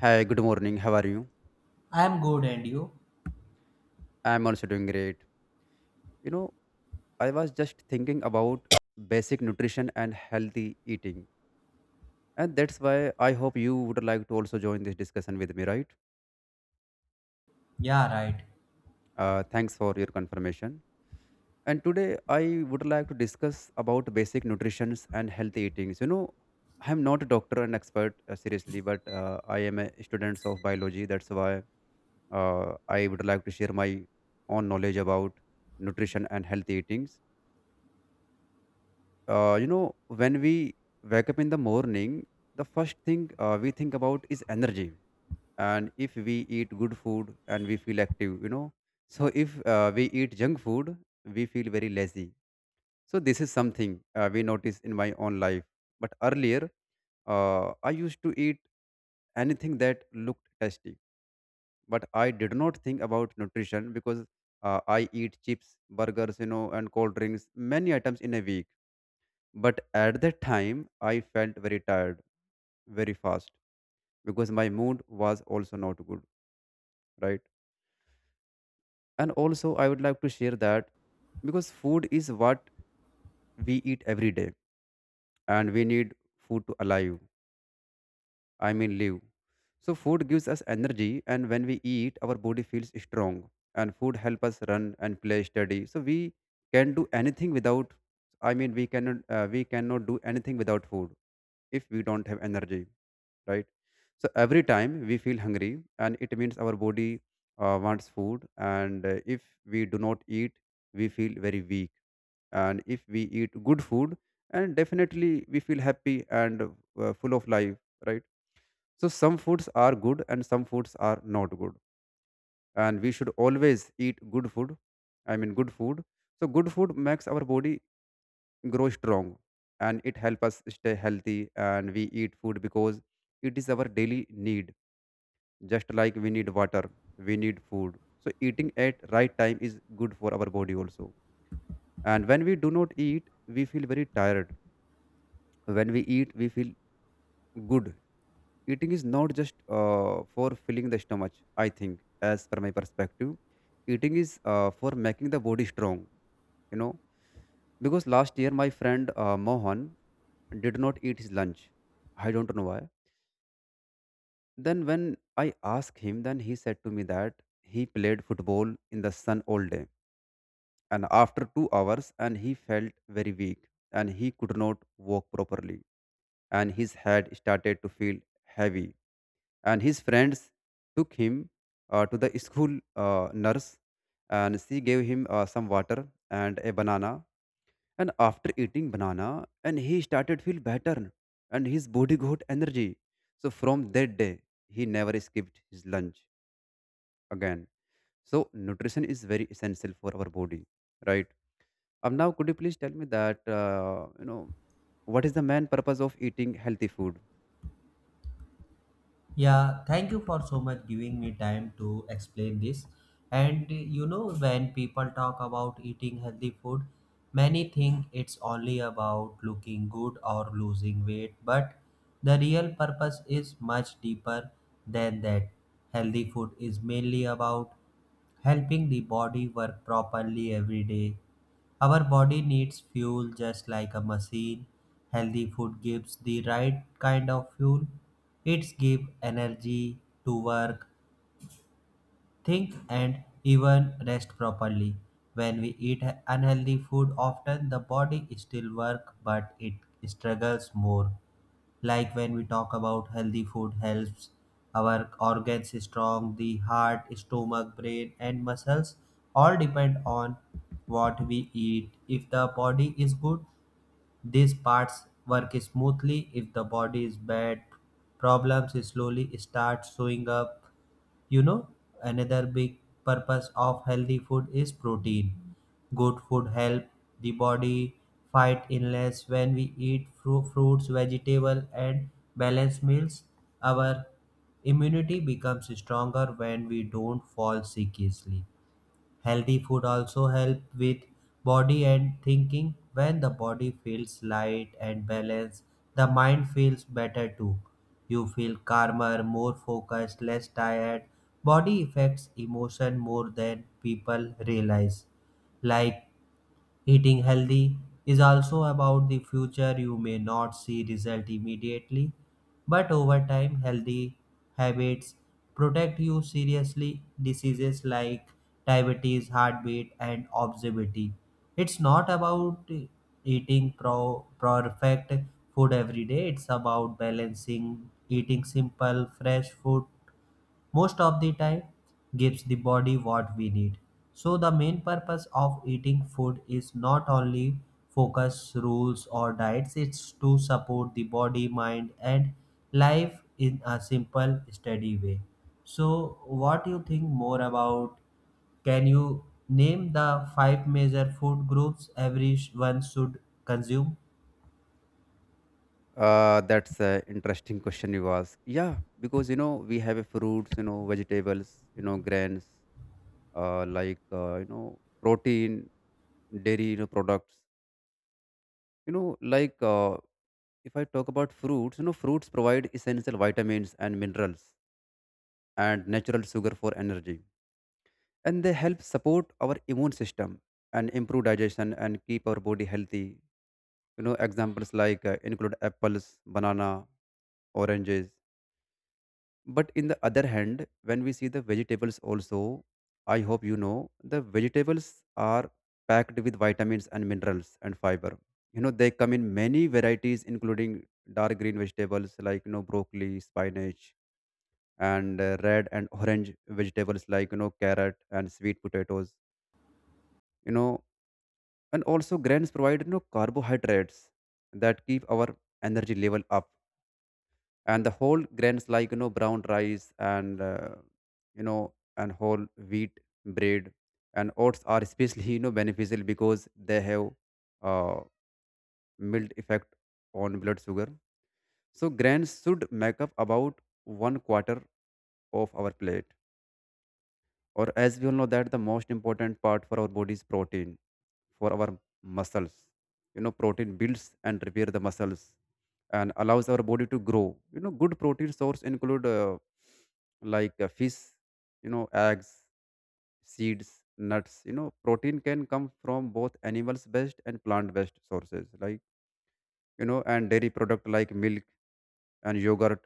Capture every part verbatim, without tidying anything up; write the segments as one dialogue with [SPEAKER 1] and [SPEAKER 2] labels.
[SPEAKER 1] Hi, good morning. How are you?
[SPEAKER 2] I'm good, and you?
[SPEAKER 1] I'm also doing great. You know, I was just thinking about basic nutrition and healthy eating. And that's why I hope you would like to also join this discussion with me, right?
[SPEAKER 2] Yeah, right.
[SPEAKER 1] Uh, thanks for your confirmation. And today I would like to discuss about basic nutrition and healthy eatings. You know, I'm not a doctor and expert, uh, seriously, but uh, I am a student of biology. That's why uh, I would like to share my own knowledge about nutrition and healthy eatings uh, you know, when we wake up in the morning, the first thing uh, we think about is energy. And if we eat good food and we feel active, you know, so if uh, we eat junk food, we feel very lazy. So this is something uh, we notice in my own life. But earlier, uh, I used to eat anything that looked tasty, but I did not think about nutrition because uh, I eat chips, burgers, you know, and cold drinks many items in a week, but at that time, I felt very tired very fast because my mood was also not good, right? And also, I would like to share that because food is what we eat every day and we need food to alive, I mean, live. So, food gives us energy, and when we eat, our body feels strong, and food help us run and play steady. So, we can do anything without, I mean, we cannot, uh, we cannot do anything without food if we don't have energy, right. So every time we feel hungry, and it means our body uh, wants food, and uh, if we do not eat, we feel very weak. And if we eat good food and definitely we feel happy and uh, full of life, right. So some foods are good and some foods are not good, and we should always eat good food, I mean good food. So good food makes our body grow strong and it helps us stay healthy. And we eat food because it is our daily need. Just like we need water, we need food. So eating at right time is good for our body also, and when we do not eat, we feel very tired. When we eat, we feel good. Eating is not just uh, for filling the stomach, I think. As per my perspective, eating is uh, for making the body strong, you know. Because last year my friend uh, Mohan did not eat his lunch, I don't know why. Then when I asked him, then he said to me that he played football in the sun all day, and after two hours and he felt very weak and he could not walk properly, and his head started to feel heavy, and his friends took him uh, to the school uh, nurse, and she gave him uh, some water and a banana. And after eating banana, and he started feel better, and his body got energy. So from that day, he never skipped his lunch again. So nutrition is very essential for our body, right. Um, now, could you please tell me that uh, you know, what is the main purpose of eating healthy food?
[SPEAKER 2] Yeah, thank you for so much giving me time to explain this. And you know, when people talk about eating healthy food, many think it's only about looking good or losing weight, but the real purpose is much deeper than that. Healthy food is mainly about helping the body work properly every day. Our body needs fuel just like a machine. Healthy food gives the right kind of fuel. It gives energy to work, think, and even rest properly. When we eat unhealthy food, often the body still work, but it struggles more, like when we talk about healthy food helps our organs strong, the heart, stomach, brain, and muscles all depend on what we eat. If the body is good, these parts work smoothly. If the body is bad, problems slowly start showing up. You know, another big purpose of healthy food is protein. Good food help the body fight illness when we eat fru- fruits, vegetable, and balanced meals. Our immunity becomes stronger when we don't fall sick easily. Healthy food also help with body and thinking. When the body feels light and balanced, the mind feels better too. You feel calmer, more focused, less tired. Body affects emotion more than people realize. Like, eating healthy is also about the future. You may not see result immediately, but over time, healthy habits protect you seriously diseases like diabetes, heartbeat, and obesity. It's not about eating pro- perfect food every day. It's about balancing, eating simple, fresh food most of the time gives the body what we need. So the main purpose of eating food is not only focus rules or diets, it's to support the body, mind, and life in a simple, steady way. So what do you think more about? Can you name the five major food groups everyone should consume?
[SPEAKER 1] Uh, that's an interesting question you ask. Yeah, because you know we have a fruits, you know vegetables, you know grains, uh, like uh, you know protein, dairy, you know products. You know, like uh, if I talk about fruits, you know fruits provide essential vitamins and minerals and natural sugar for energy, and they help support our immune system and improve digestion and keep our body healthy. You know examples like uh, include apples, banana, oranges. But in the other hand, when we see the vegetables also, I hope you know the vegetables are packed with vitamins and minerals and fiber. You know they come in many varieties, including dark green vegetables like you know broccoli, spinach, and uh, red and orange vegetables like you know carrot and sweet potatoes, you know. And also grains provide you know carbohydrates that keep our energy level up. And the whole grains like you know brown rice and uh, you know and whole wheat bread and oats are especially you know beneficial, because they have uh, mild effect on blood sugar. So grains should make up about one quarter of our plate. Or as we all know that the most important part for our body is protein for our muscles. You know protein builds and repair the muscles and allows our body to grow. You know good protein source include uh, like uh, fish, you know eggs, seeds, nuts. You know protein can come from both animals based and plant based sources, like you know. And dairy product like milk and yogurt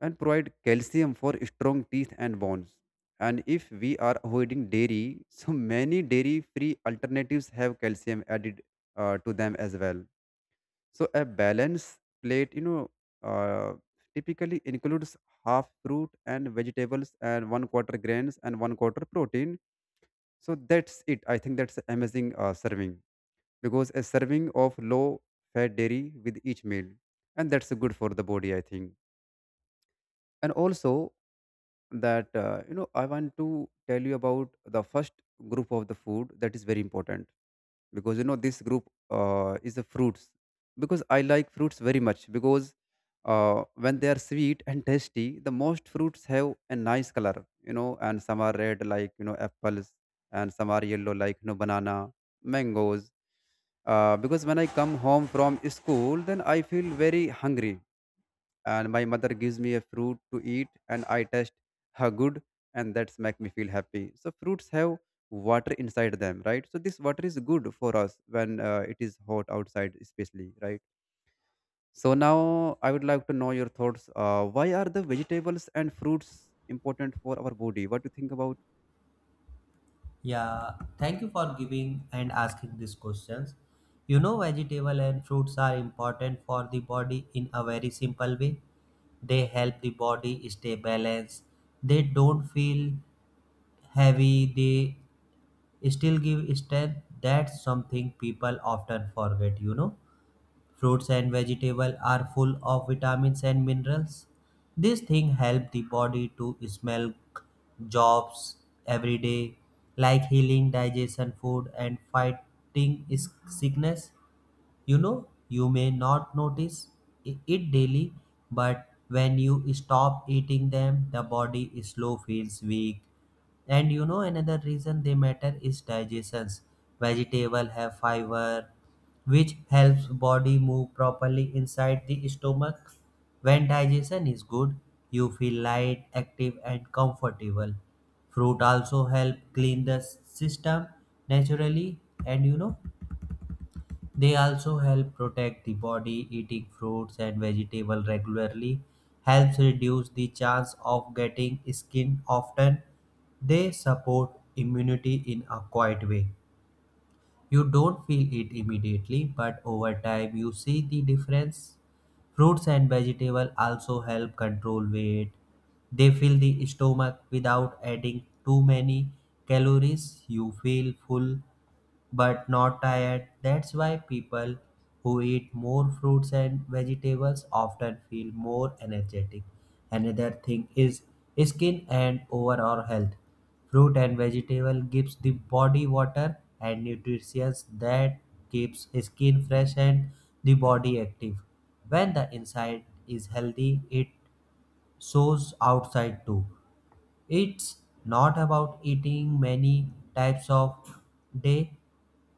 [SPEAKER 1] and provide calcium for strong teeth and bones. And if we are avoiding dairy, so many dairy free alternatives have calcium added uh, to them as well. So a balanced plate, you know, uh, typically includes half fruit and vegetables and one quarter grains and one quarter protein. So that's it. I think that's amazing uh, serving, because a serving of low fat dairy with each meal, and that's good for the body, I think. And also that uh, you know I want to tell you about the first group of the food that is very important. Because you know this group uh, is the fruits, because I like fruits very much. Because uh, when they are sweet and tasty, the most fruits have a nice color, you know. And some are red, like you know apples, and some are yellow, like you know banana, mangoes. Uh, because when I come home from school, then I feel very hungry, and my mother gives me a fruit to eat, and I taste how good, and that's make me feel happy. So fruits have water inside them, right. So this water is good for us when uh, it is hot outside especially, right. So now I would like to know your thoughts, uh, why are the vegetables and fruits important for our body, what do you think about.
[SPEAKER 2] Yeah, thank you for giving and asking these questions. You know, vegetable and fruits are important for the body in a very simple way. They help the body stay balanced. They don't feel heavy. They still give strength. That's something people often forget, you know. Fruits and vegetables are full of vitamins and minerals. These things help the body to smell jobs every day, like healing digestion, food, and fighting is- sickness. You know, you may not notice i- it daily, but when you stop eating them, the body slow feels weak. And you know another reason they matter is digestions. Vegetable have fiber, which helps body move properly inside the stomach. When digestion is good, you feel light, active, and comfortable. Fruit also help clean the system naturally, and you know they also help protect the body. Eating fruits and vegetables regularly helps reduce the chance of getting skin often. They support immunity in a quiet way. You don't feel it immediately, but over time you see the difference. Fruits and vegetables also help control weight. They fill the stomach without adding too many calories. You feel full but not tired. That's why people who eat more fruits and vegetables often feel more energetic. Another thing is skin and overall health. Fruit and vegetable gives the body water and nutrition that keeps skin fresh and the body active. When the inside is healthy, it shows outside too. It's not about eating many types of day,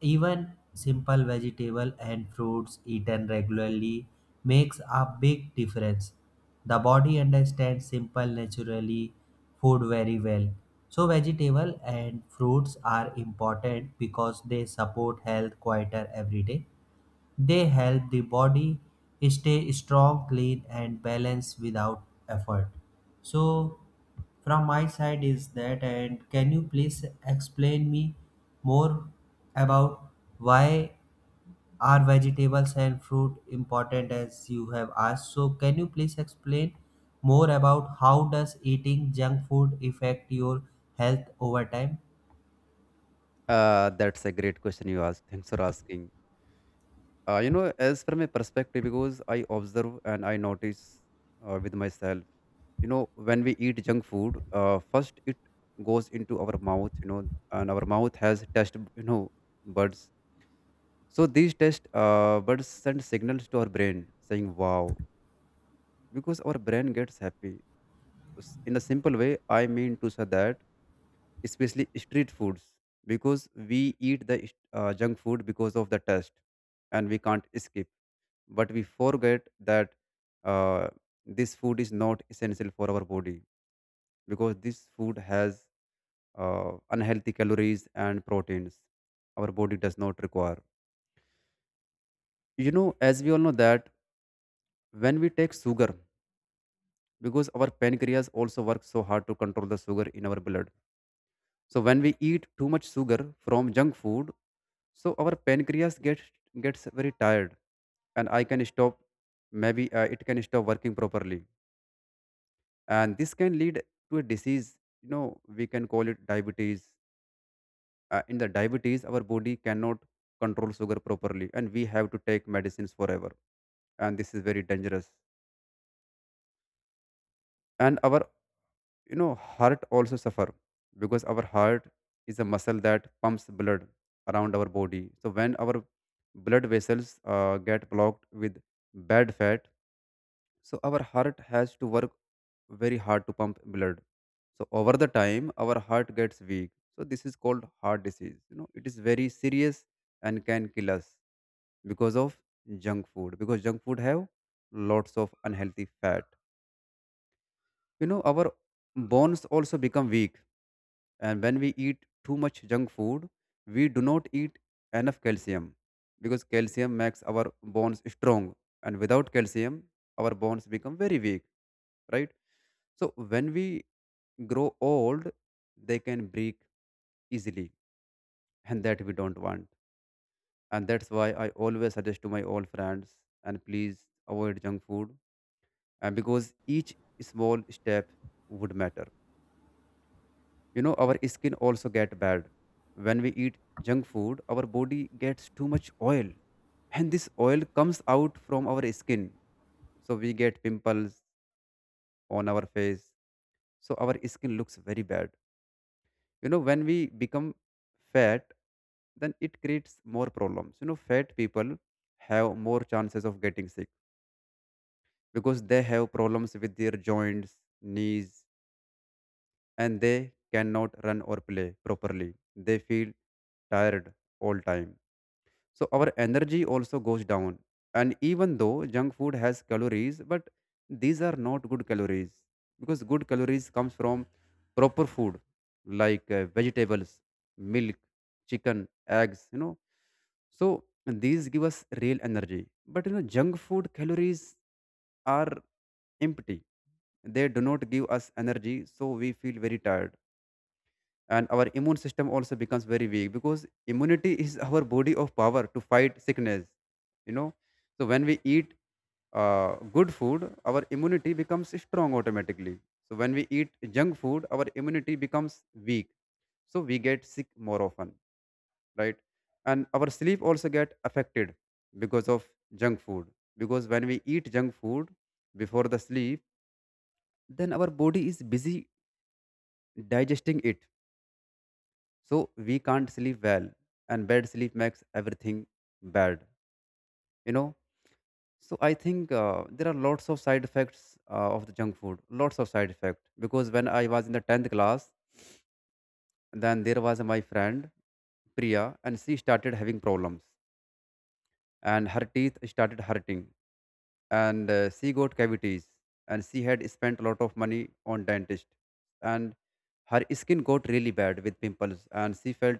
[SPEAKER 2] even simple vegetable and fruits eaten regularly makes a big difference. The body understands simple naturally food very well. So vegetable and fruits are important because they support health quieter every day. They help the body stay strong, clean, and balanced without effort. So, from my side is that, and can you please explain me more about why are vegetables and fruit important as you have asked? So, can you please explain more about how does eating junk food affect your health over time?
[SPEAKER 1] Uh, that's a great question you asked, thanks for asking. uh, you know, as from a perspective, because I observe and I notice uh, with myself. You know when we eat junk food, uh, first it goes into our mouth, you know, and our mouth has test, you know, buds. So these test uh, buds send signals to our brain saying wow, because our brain gets happy. So s- in a simple way, I mean to say that, especially street foods, because we eat the uh, junk food because of the test, and we can't skip. But we forget that uh, this food is not essential for our body, because this food has uh, unhealthy calories and proteins our body does not require. You know, as we all know that when we take sugar, because our pancreas also works so hard to control the sugar in our blood. So when we eat too much sugar from junk food, so our pancreas gets gets very tired, and I can stop, maybe uh, it can stop working properly. And this can lead to a disease, you know, we can call it diabetes. Uh, in the diabetes, our body cannot control sugar properly, and we have to take medicines forever, and this is very dangerous. And our, you know, heart also suffer, because our heart is a muscle that pumps blood around our body. So when our blood vessels uh, get blocked with bad fat, so our heart has to work very hard to pump blood. So over the time, our heart gets weak. So this is called heart disease, you know, it is very serious, and can kill us, because of junk food. Because junk food have lots of unhealthy fat, you know, our bones also become weak. And when we eat too much junk food, we do not eat enough calcium, because calcium makes our bones strong, and without calcium, our bones become very weak, right. So when we grow old, they can break easily, and that we don't want. And that's why I always suggest to my old friends and please avoid junk food, and because each small step would matter. You know, our skin also get bad when we eat junk food. Our body gets too much oil, and this oil comes out from our skin, so we get pimples on our face. So our skin looks very bad. You know when we become fat, then it creates more problems. You know, fat people have more chances of getting sick because they have problems with their joints, knees, and they cannot run or play properly. They feel tired all time, so our energy also goes down. And even though junk food has calories, but these are not good calories, because good calories comes from proper food like uh, vegetables, milk, chicken, eggs you know So these give us real energy. But you know, junk food calories are empty. They do not give us energy, so we feel very tired. And our immune system also becomes very weak, because immunity is our body of power to fight sickness, you know. So when we eat uh, good food, our immunity becomes strong automatically. So when we eat junk food, our immunity becomes weak, so we get sick more often, right? And our sleep also get affected because of junk food, because when we eat junk food before the sleep, then our body is busy digesting it, so we can't sleep well. And bad sleep makes everything bad, you know. So I think uh, there are lots of side effects uh, of the junk food, lots of side effect. Because when I was in the tenth class, then there was my friend Priya, and she started having problems, and her teeth started hurting, and uh, she got cavities, and she had spent a lot of money on dentist. And her skin got really bad with pimples, and she felt,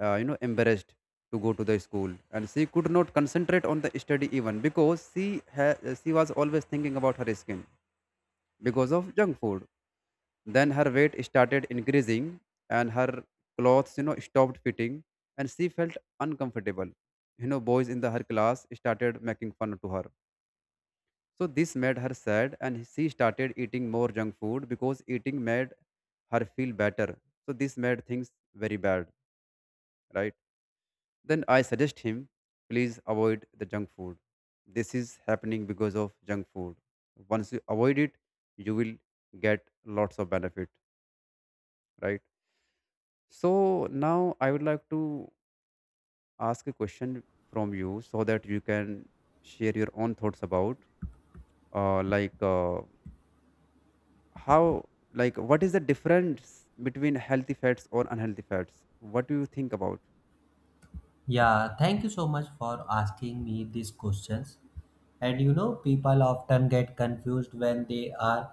[SPEAKER 1] uh, you know, embarrassed to go to the school, and she could not concentrate on the study even, because she ha- she was always thinking about her skin because of junk food. Then her weight started increasing, and her clothes, you know, stopped fitting, and she felt uncomfortable. You know, boys in the her class started making fun to her, so this made her sad, and she started eating more junk food because eating made her feel better. So this made things very bad, right? Then I suggest him, please avoid the junk food. This is happening because of junk food. Once you avoid it, you will get lots of benefit, right? So now I would like to ask a question from you, so that you can share your own thoughts about, uh, like uh, how, like, what is the difference between healthy fats or unhealthy fats? What do you think about?
[SPEAKER 2] Yeah, thank you so much for asking me these questions. And you know, people often get confused when they are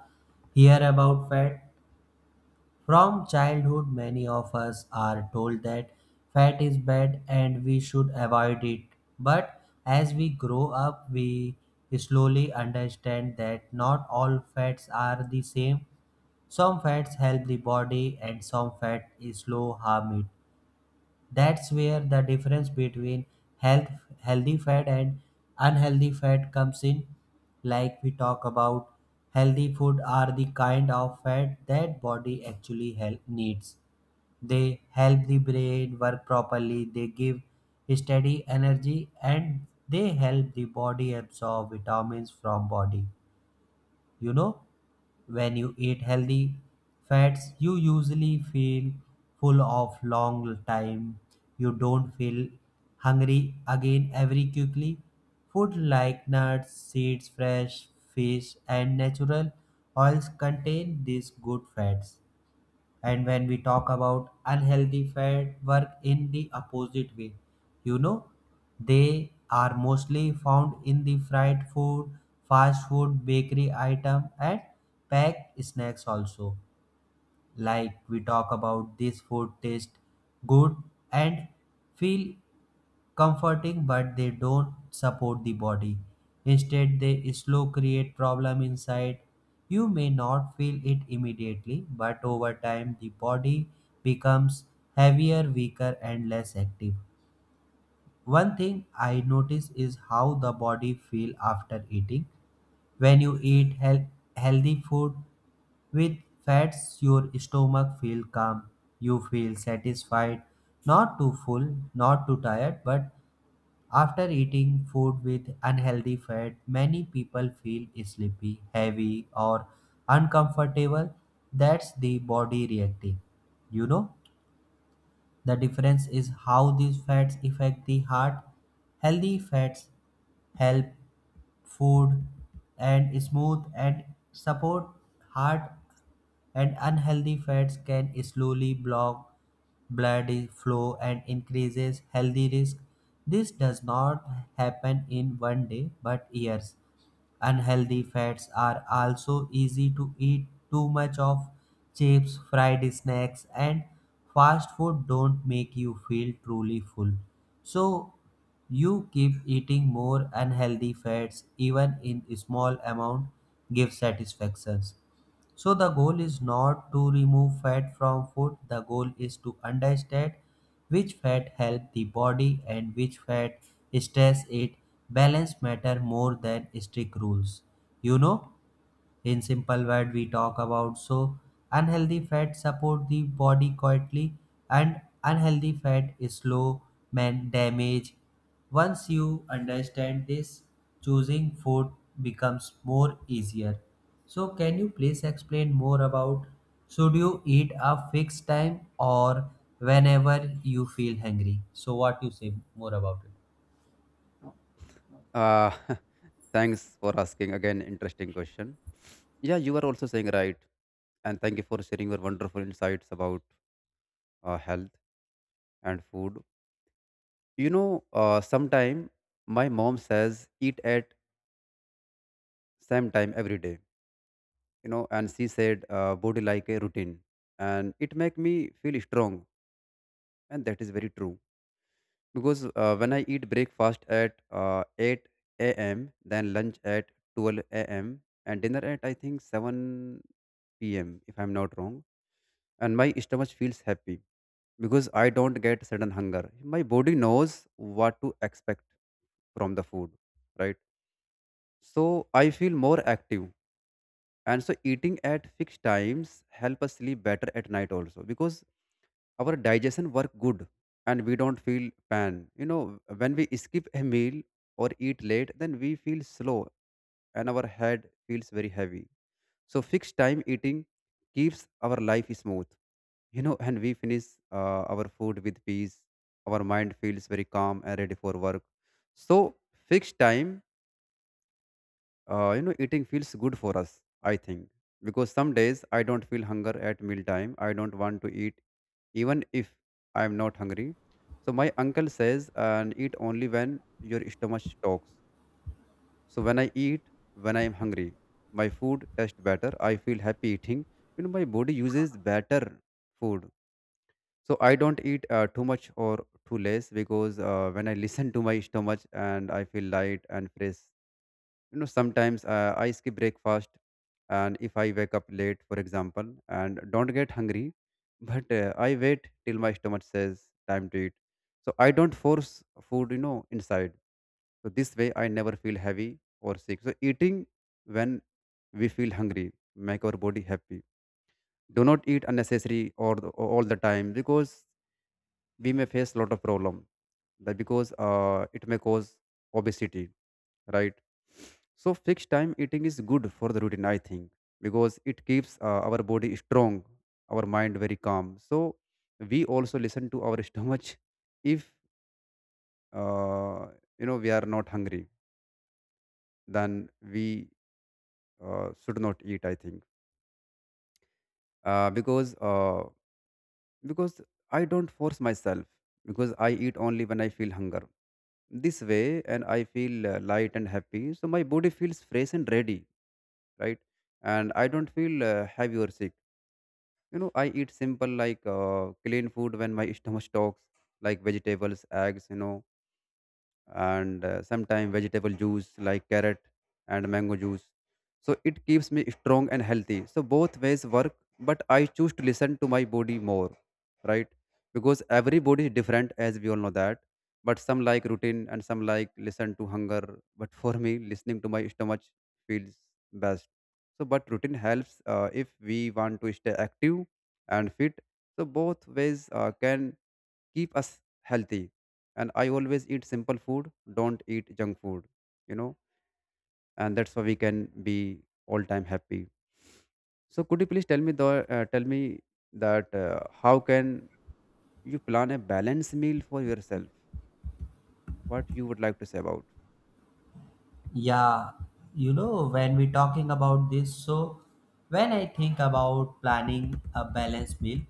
[SPEAKER 2] hear about fat. From childhood, many of us are told that fat is bad and we should avoid it. But as we grow up, we slowly understand that not all fats are the same. Some fats help the body and some fat is slow harm it. That's where the difference between health healthy fat and unhealthy fat comes in. Like we talk about healthy food are the kind of fat that body actually help needs. They help the brain work properly, they give steady energy, and they help the body absorb vitamins from body. You know, when you eat healthy fats, you usually feel full of long time. You don't feel hungry again very quickly. Food like nuts, seeds, fresh fish, and natural oils contain these good fats. And when we talk about unhealthy fat work in the opposite way, you know, they are mostly found in the fried food, fast food, bakery item, and packed snacks also. Like we talk about this food taste good and feel comforting, but they don't support the body. Instead they slow create problem inside. You may not feel it immediately but over time the body becomes heavier, weaker, and less active. One thing I notice is how the body feel after eating. When you eat heal- healthy food with fats, your stomach feel calm. You feel satisfied, not too full, not too tired, but after eating food with unhealthy fat, many people feel sleepy, heavy, or uncomfortable. That's the body reacting. You know? The difference is how these fats affect the heart. Healthy fats help food and smooth and support heart, and unhealthy fats can slowly block blood flow and increases healthy risk. This does not happen in one day but years. Unhealthy fats are also easy to eat too much of. Chips, fried snacks, and fast food don't make you feel truly full. So you keep eating more unhealthy fats, even in small amount give satisfactions. So the goal is not to remove fat from food. The goal is to understand which fat help the body and which fat stress it. Balance matter more than strict rules. You know, in simple word we talk about, so unhealthy fat support the body quietly and unhealthy fat is slow man damage. Once you understand this, choosing food becomes more easier. So can you please explain more about, should you eat a fixed time or whenever you feel hungry? So what you say more about it?
[SPEAKER 1] uh thanks for asking again interesting question. Yeah, you are also saying right. And thank you for sharing your wonderful insights about uh, health and food. You know, uh, sometime my mom says, eat at same time every day. You know, and she said, uh, body like a routine, and it make me feel strong. And that is very true, because uh, when I eat breakfast at uh, eight a m, then lunch at twelve a m, and dinner at I think seven p m, if I'm not wrong, and my stomach feels happy because I don't get sudden hunger. My body knows what to expect from the food, right? So I feel more active. And so eating at fixed times help us sleep better at night also, because our digestion work good, and we don't feel pan. You know, when we skip a meal or eat late, then we feel slow, and our head feels very heavy. So fixed time eating keeps our life smooth, you know. And we finish uh, our food with peace. Our mind feels very calm and ready for work. So fixed time, uh, you know eating feels good for us, I think. Because some days I don't feel hunger at meal time, I don't want to eat, even if I am not hungry. So my uncle says, and eat only when your stomach talks. So when I eat, when I am hungry, my food tastes better. I feel happy eating. You know, my body uses better food. So I don't eat uh, too much or too less, because uh, when I listen to my stomach, and I feel light and fresh. You know, sometimes uh, I skip breakfast, and if I wake up late, for example, and don't get hungry but uh, I wait till my stomach says time to eat. So I don't force food, you know, inside. So this way I never feel heavy or sick. So eating when we feel hungry make our body happy. Do not eat unnecessary or the, all the time, because we may face lot of problem. That, because uh, it may cause obesity, right? So fixed time eating is good for the routine, I think, because it keeps uh, our body strong, our mind very calm. So we also listen to our stomach. If, uh, you know, we are not hungry, then we uh, should not eat. I think uh, because uh, because I don't force myself, because I eat only when I feel hunger. This way, and I feel uh, light and happy. So my body feels fresh and ready, right? And I don't feel uh, heavy or sick. You know, I eat simple, like uh, clean food when my stomach talks, like vegetables, eggs, you know. And uh, sometimes vegetable juice, like carrot and mango juice. So it keeps me strong and healthy. So both ways work, but I choose to listen to my body more, right? Because every body is different, as we all know that. But some like routine and some like listen to hunger. But for me, listening to my stomach feels best. So, but routine helps uh, if we want to stay active and fit. So both ways uh, can keep us healthy. And I always eat simple food, don't eat junk food, you know. And that's why we can be all time happy. So could you please tell me the, uh, tell me that uh, how can you plan a balanced meal for yourself? What you would like to say about?
[SPEAKER 2] Yeah, you know, when we're talking about this, so when I think about planning a balanced meal,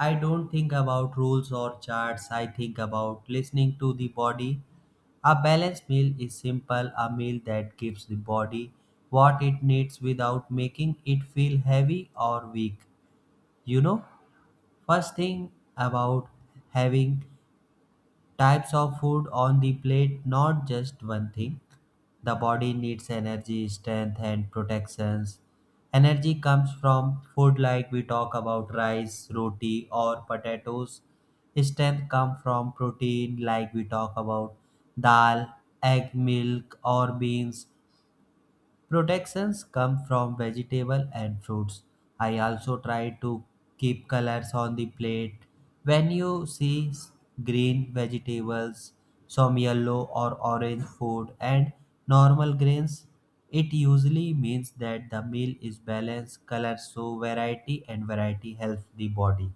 [SPEAKER 2] I don't think about rules or charts, I think about listening to the body. A balanced meal is simple, a meal that gives the body what it needs without making it feel heavy or weak. You know, first thing about having types of food on the plate, not just one thing. The body needs energy, strength, and protections. Energy comes from food like we talk about rice, roti, or potatoes. Strength comes from protein like we talk about dal, egg, milk, or beans. Protections come from vegetable and fruits. I also try to keep colors on the plate. When you see s- green vegetables, some yellow or orange food, and normal grains, it usually means that the meal is balanced. Colors show variety and variety helps the body.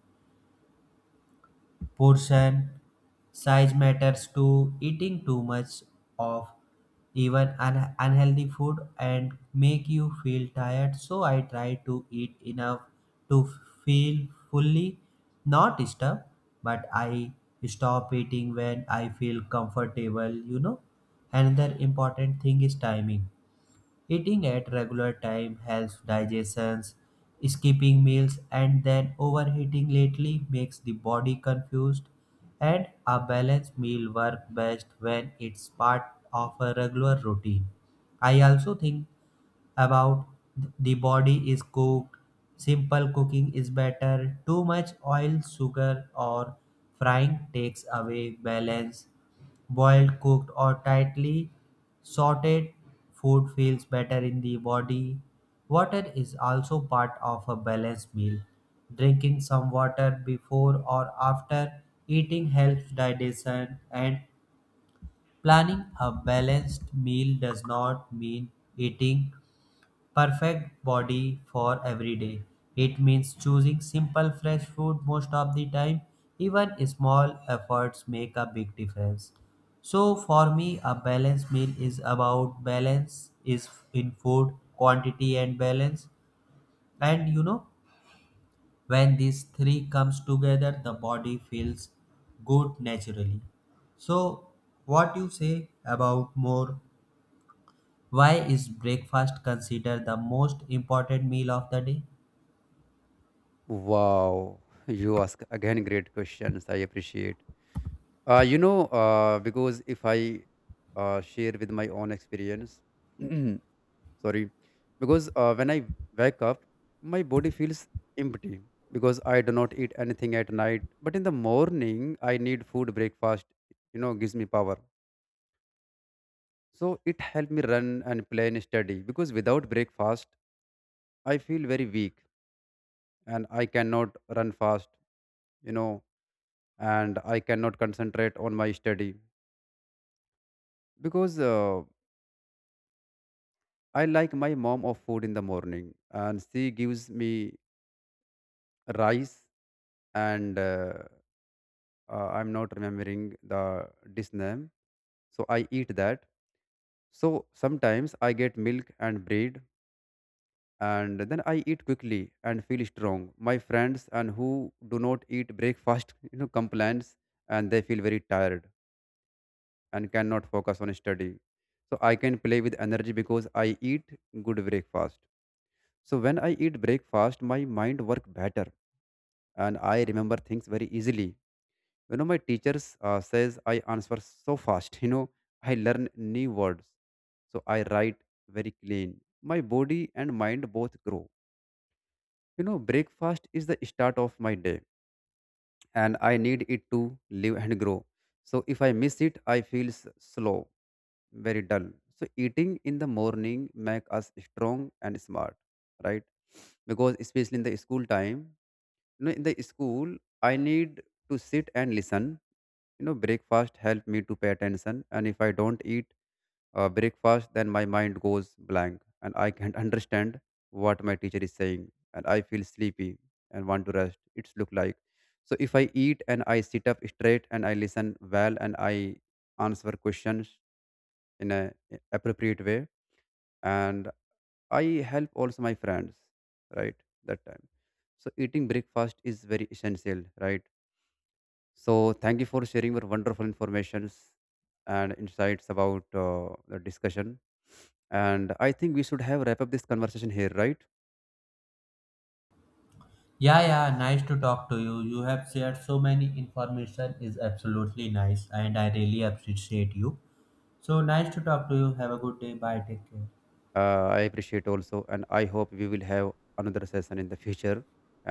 [SPEAKER 2] Portion size matters too. Eating too much of even un- unhealthy food and make you feel tired. So I try to eat enough to feel fully, not disturbed, but I stop eating when I feel comfortable. You know, another important thing is timing. Eating at regular time helps digestion. Skipping meals and then overeating lately makes the body confused, and a balanced meal works best when it's part of a regular routine. I also think about th- the body is cooked. Simple cooking is better. Too much oil, sugar, or frying takes away balance. Boiled, cooked, or tightly sauteed food feels better in the body. Water is also part of a balanced meal. Drinking some water before or after eating helps digestion, and planning a balanced meal does not mean eating perfect body for every day. It means choosing simple fresh food most of the time. Even small efforts make a big difference. So for me, a balanced meal is about balance is in food, quantity, and balance. And you know, when these three comes together, the body feels good naturally. So what you say about more, why is breakfast considered the most important meal of the day?
[SPEAKER 1] Wow, you ask again great questions, I appreciate. uh, you know uh, because if I uh, share with my own experience, sorry. Because uh, when I wake up, my body feels empty, because I do not eat anything at night. But in the morning, I need food. Breakfast, you know, gives me power. So it helped me run and play and study, because without breakfast, I feel very weak, and I cannot run fast, you know. And I cannot concentrate on my study, because uh, I like my mom of food in the morning, and she gives me rice and uh, uh, I'm not remembering the dish name, so I eat that. So sometimes I get milk and bread, and then I eat quickly and feel strong. My friends and who do not eat breakfast you know, complains, and they feel very tired and cannot focus on study. So I can play with energy because I eat good breakfast. So when I eat breakfast, my mind work better, and I remember things very easily. You know, my teachers uh, says I answer so fast, you know. I learn new words, so I write very clean. My body and mind both grow, you know. Breakfast is the start of my day, and I need it to live and grow. So if I miss it, I feel s- slow, very dull. So eating in the morning make us strong and smart, right? Because especially in the school time, you know, in the school, I need to sit and listen. You know, breakfast help me to pay attention, and if I don't eat uh, breakfast, then my mind goes blank, and I can't understand what my teacher is saying, and I feel sleepy and want to rest. It's look like. So if I eat, and I sit up straight, and I listen well, and I answer questions in a eh, appropriate way, and I help also my friends, right, that time. So eating breakfast is very essential, right? So thank you for sharing your wonderful informations and insights about uh, the discussion. And I think we should have wrap up this conversation here, right?
[SPEAKER 2] Yeah, yeah, nice to talk to you. You have shared so many information is absolutely nice and I really appreciate you. So nice to talk to you. Have a good day. Bye. Take care.
[SPEAKER 1] uh, I appreciate also, and I hope we will have another session in the future.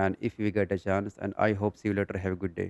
[SPEAKER 1] And if we get a chance, and I hope see you later, have a good day.